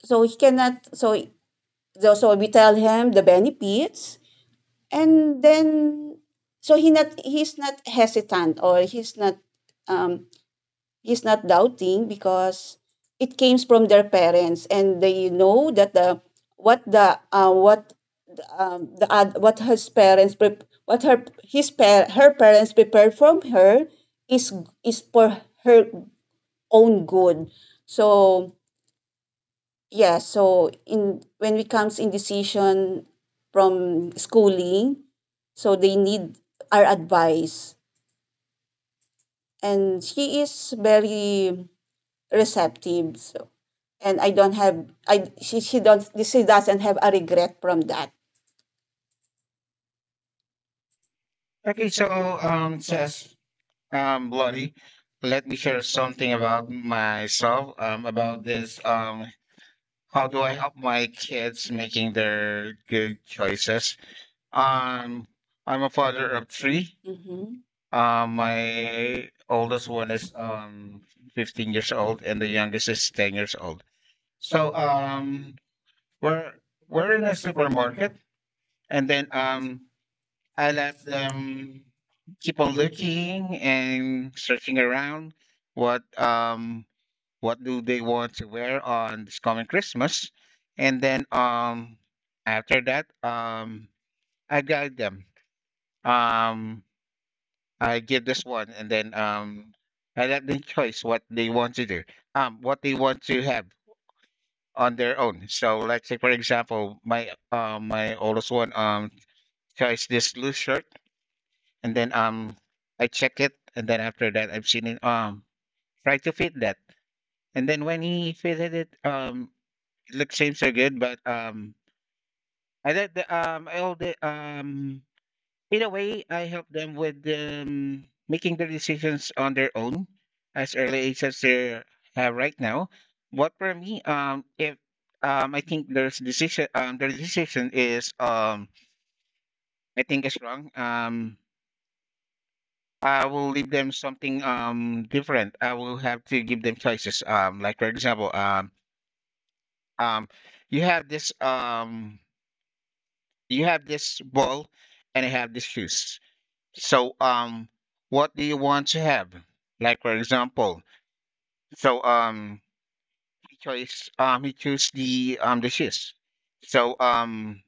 so he cannot so so So we tell him the benefits, and then so he's not hesitant, or um he's not doubting because it came from their parents, and they know that the what the what the ad what his parents pre- what her his par- her parents prepared from her is is for her own good. So yeah, so in when it comes in decision from schooling, so they need our advice. And she is very receptive. So, and I don't have, I she don't she doesn't have a regret from that. Okay, so Seth, Lottie, let me share something about myself about this how do I help my kids making their good choices? Um, I'm a father of three. Mm-hmm. My oldest one is 15 years old, and the youngest is 10 years old. So we're we're in a supermarket, and then I let them keep on looking and searching around what um what do they want to wear on this coming Christmas, and then after that I guide them. Um I give this one, and then I let them choice what they want to do, what they want to have on their own. So let's say for example, my my oldest one chose this loose shirt, and then I check it, and then after that I've seen it try to fit that. And then when he fitted it, look, saints are good, but I like the I hold the in a way, I help them with making their decisions on their own as early age as they have right now. What for me, if I think there's decision, their decision is I think is wrong. I will leave them something different. I will have to give them choices. Like for example, um, you have this um you have this ball and I have the shoes. So what do you want to have? Like for example, so he chose the shoes. So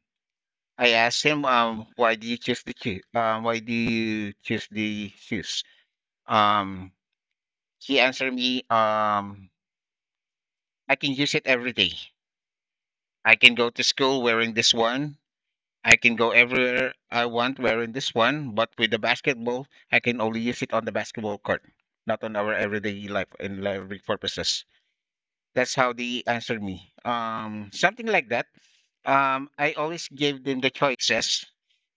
I asked him, why do you choose the shoe why do you choose the shoes? Um he answered me, I can use it every day. I can go to school wearing this one, I can go everywhere I want wearing this one, but with the basketball, I can only use it on the basketball court, not on our everyday life and every purposes. That's how they answered me. Something like that. I always gave them the choices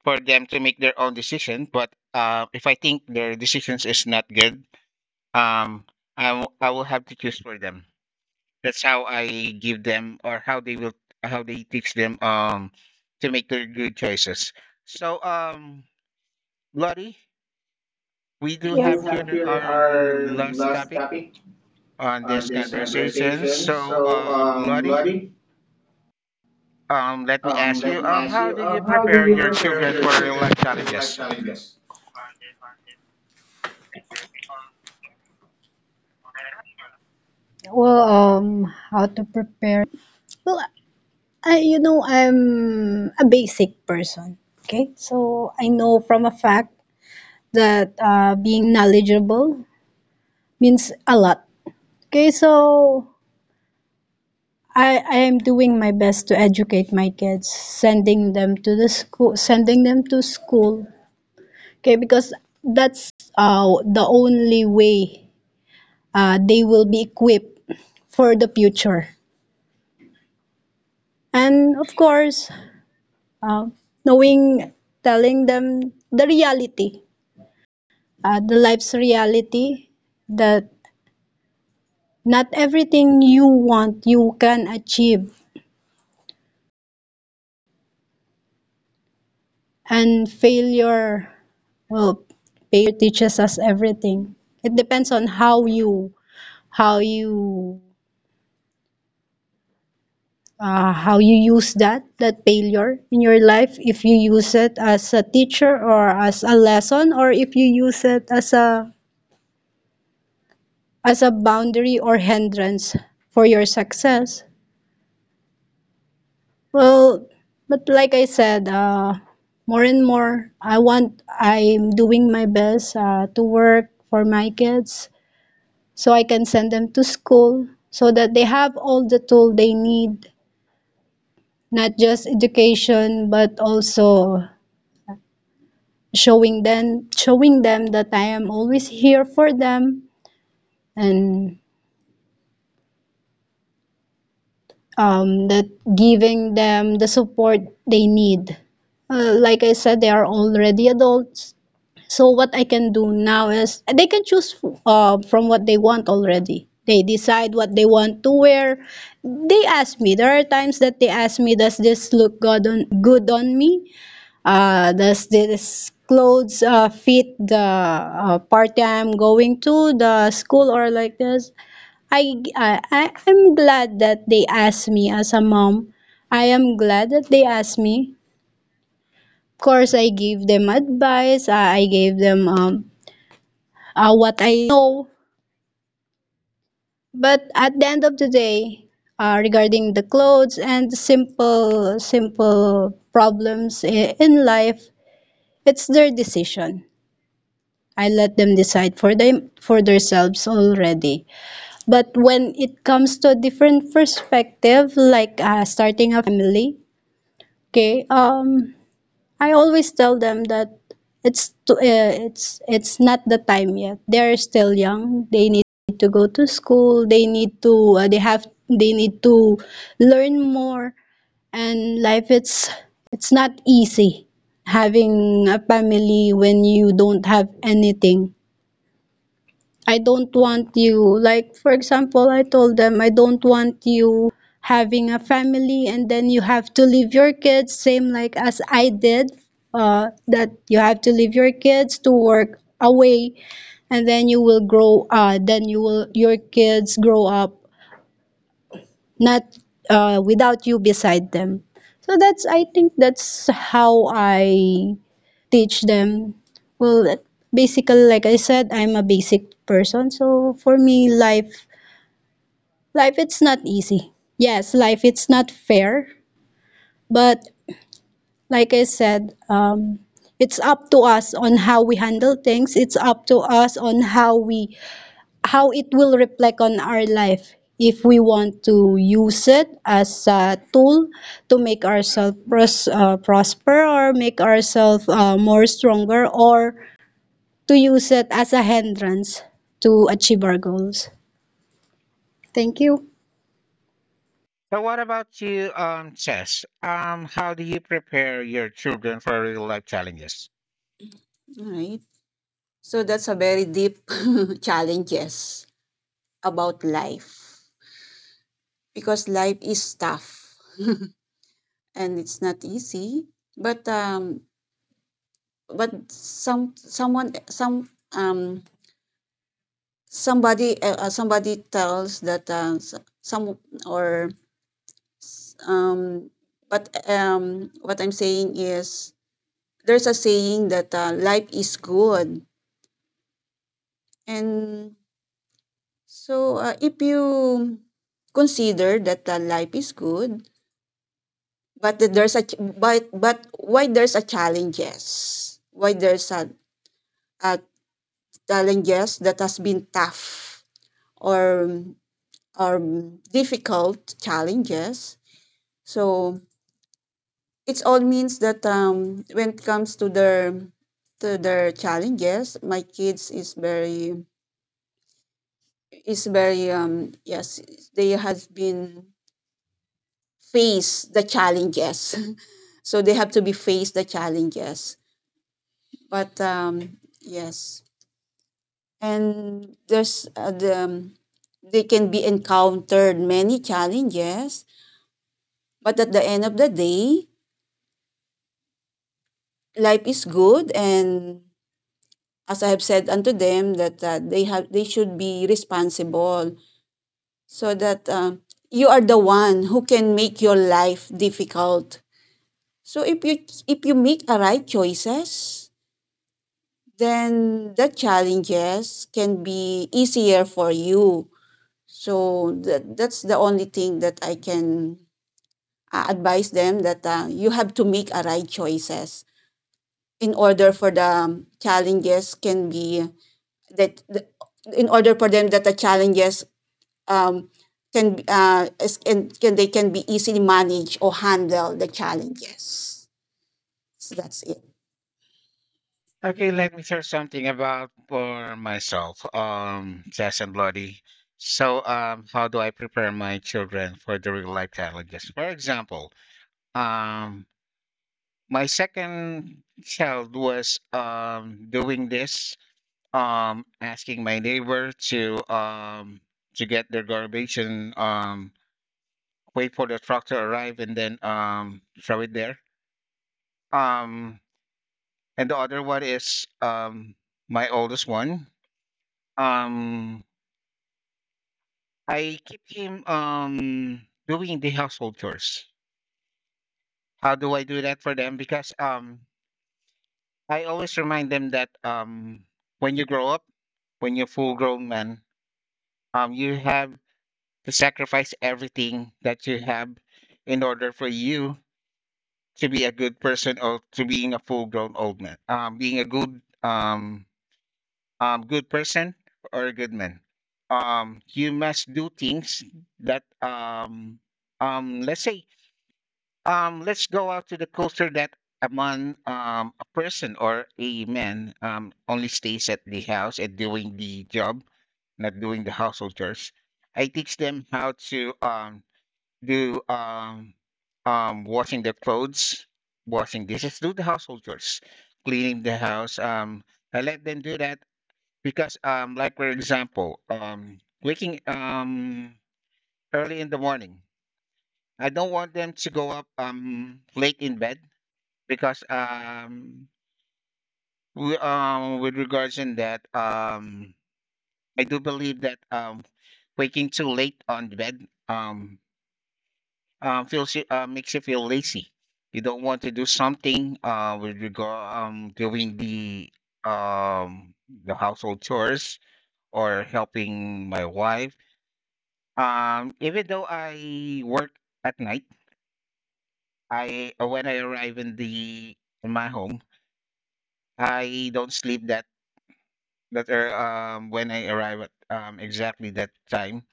for them to make their own decision. But if I think their decisions is not good, um, I will have to choose for them. That's how I give them or how they will how they teach them to make their good choices. So Lottie, we We do do. have Yes. Have here here our our last last topic topic on on this this conversation. conversation. So So, Lottie, Lottie, let me ask let you, me ask how you, do you how do prepare you your prepare children your for real children life for real life challenges? challenges? Well, how to prepare. Well, I, you know, I'm a basic person. Okay, so I know from a fact that being knowledgeable means a lot. Okay, so I am doing my best to educate my kids, sending them to the school, sending them to school. Okay, because that's the only way they will be equipped for the future. And of course, uh, knowing, telling them the reality, the life's reality, that not everything you want you can achieve. And failure, well, teaches us everything. It depends on how you how you how you use that that failure in your life. If you use it as a teacher or as a lesson, or if you use it as a boundary or hindrance for your success. Well, but like I said, I'm doing my best to work for my kids so I can send them to school so that they have all the tool they need, not just education, but also showing them, showing them that I am always here for them and that giving them the support they need. Like I said, they are already adults, so what I can do now is they can choose from what they want already. They decide what they want to wear. They ask me. There are times that they ask me, "Does this look good on good on me? Does this clothes fit the party I'm going to, the school or like this?" I'm glad that they asked me as a mom. I am glad that they asked me. Of course, I gave them advice. I gave them what I know. But at the end of the day, regarding the clothes and the simple problems in life, it's their decision. I let them decide for them for themselves already. But when it comes to a different perspective, like starting a family, okay, I always tell them that it's not the time yet. They're still young. They need to go to school. They need to learn more. And life it's not easy having a family when you don't have anything. I don't want you. Like, for example, I told them, I don't want you having a family and then you have to leave your kids, same like as I did, that you have to leave your kids to work away and then you will grow, then you will, your kids grow up, not, without you beside them. So that's, I think that's how I teach them. Well, basically, like I said, I'm a basic person, so for me life, life it's not easy, yes, life it's not fair, but like I said, it's up to us on how we handle things. It's up to us on how we how it will reflect on our life, if we want to use it as a tool to make ourselves prosper or make ourselves more stronger, or to use it as a hindrance to achieve our goals. Thank you. So what about you, Chess? How do you prepare your children for real life challenges? All right. So that's a very deep *laughs* challenges about life, because life is tough and it's not easy. But um, but some someone some um somebody somebody tells that s- some or s- but what I'm saying is there's a saying that life is good. And so if you consider that life is good, but that there's a ch- but why there's a challenges, why there's a challenges that has been tough or or difficult challenges. So it's all means that when it comes to their challenges, my kids is very yes, they has been face the challenges *laughs* so they have to be face the challenges. But yes, and there's they can be encountered many challenges, but at the end of the day life is good. And as I have said unto them that they have, they should be responsible, so that you are the one who can make your life difficult. So if you make a right choices, then the challenges can be easier for you. So that's the only thing that I can advise them, that you have to make a right choices in order for the challenges can be that the, in order for them that the challenges um, can and can, they can be easily manage or handle the challenges. So that's it. Okay, let me share something about for myself, Jess and Lottie. So, how do I prepare my children for the real life challenges? For example, um, my second child was doing this, asking my neighbor to get their garbage and wait for the truck to arrive and then throw it there. Um, and the other one is my oldest one. Um, I keep him doing the household chores. How do I do that for them? Because I always remind them that when you grow up, when you're full grown man, you have to sacrifice everything that you have in order for you to be a good person or to being a full grown old man. Being a good good person or a good man. You must do things that let's say let's go out to the culture that among a person or a man only stays at the house and doing the job, not doing the household chores. I teach them how to do washing their clothes, washing dishes, do the household chores, cleaning the house. I let them do that because, like for example, waking early in the morning. I don't want them to go up late in bed because with regards in that I do believe that waking too late on the bed um feels makes you feel lazy. You don't want to do something with regard doing um the household chores or helping my wife. Even though I work at night, I when I arrive in the in my home, I don't sleep that that are when I arrive at exactly that time.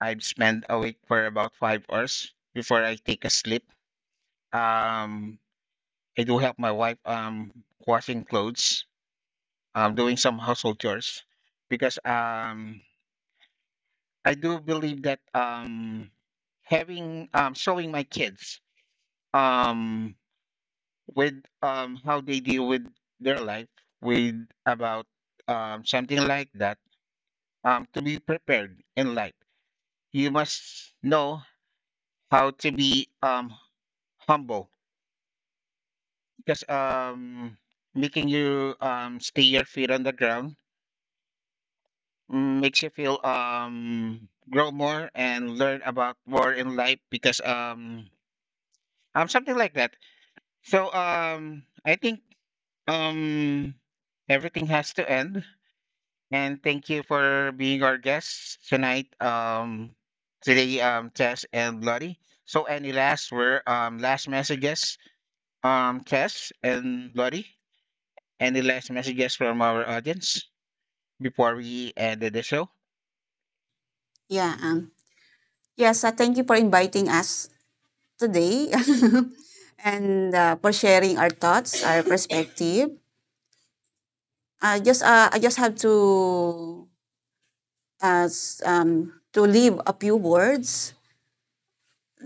I'd spend awake for about 5 hours before I take a sleep. Um, I do help my wife washing clothes, doing some household chores, because I do believe that having showing my kids um with how they deal with their life with about something like that to be prepared in life you must know how to be humble because making you stay your feet on the ground makes you feel grow more and learn about more in life because something like that. So I think um everything has to end, and thank you for being our guests tonight, today, Tess and Bloody. So any last word, last messages. Tess and Lottie, any last messages from our audience before we end the show? Yeah. Yes. Thank you for inviting us today, *laughs* and for sharing our thoughts, our perspective. I just have to as to leave a few words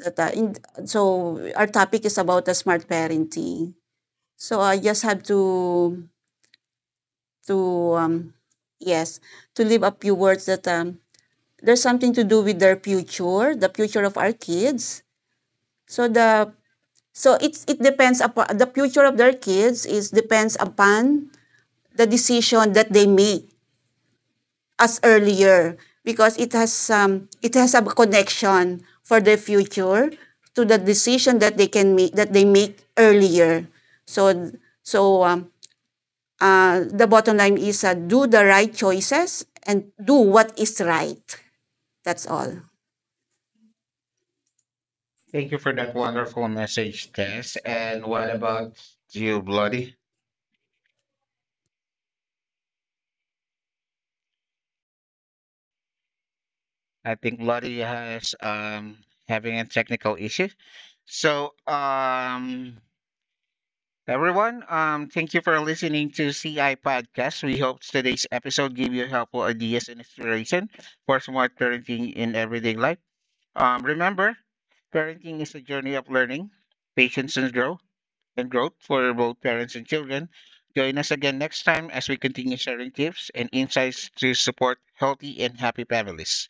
that in, so our topic is about the smart parenting, so I just have to to um, yes, to leave a few words that there's something to do with their future, the future of our kids. So the, so it's, it depends upon the future of their kids, is depends upon the decision that they make as earlier, because it has a connection for their future to the decision that they can make, that they make earlier. So so um, the bottom line is do the right choices and do what is right. That's all. Thank you for that wonderful message, Tess. And what about you, Lottie? I think Lottie has having a technical issue. So everyone, thank you for listening to CI Podcast. We hope today's episode gave you helpful ideas and inspiration for smart parenting in everyday life. Remember, parenting is a journey of learning, patience, and growth for both parents and children. Join us again next time as we continue sharing tips and insights to support healthy and happy families.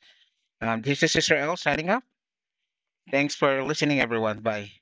This is Sister L signing off. Thanks for listening, everyone. Bye.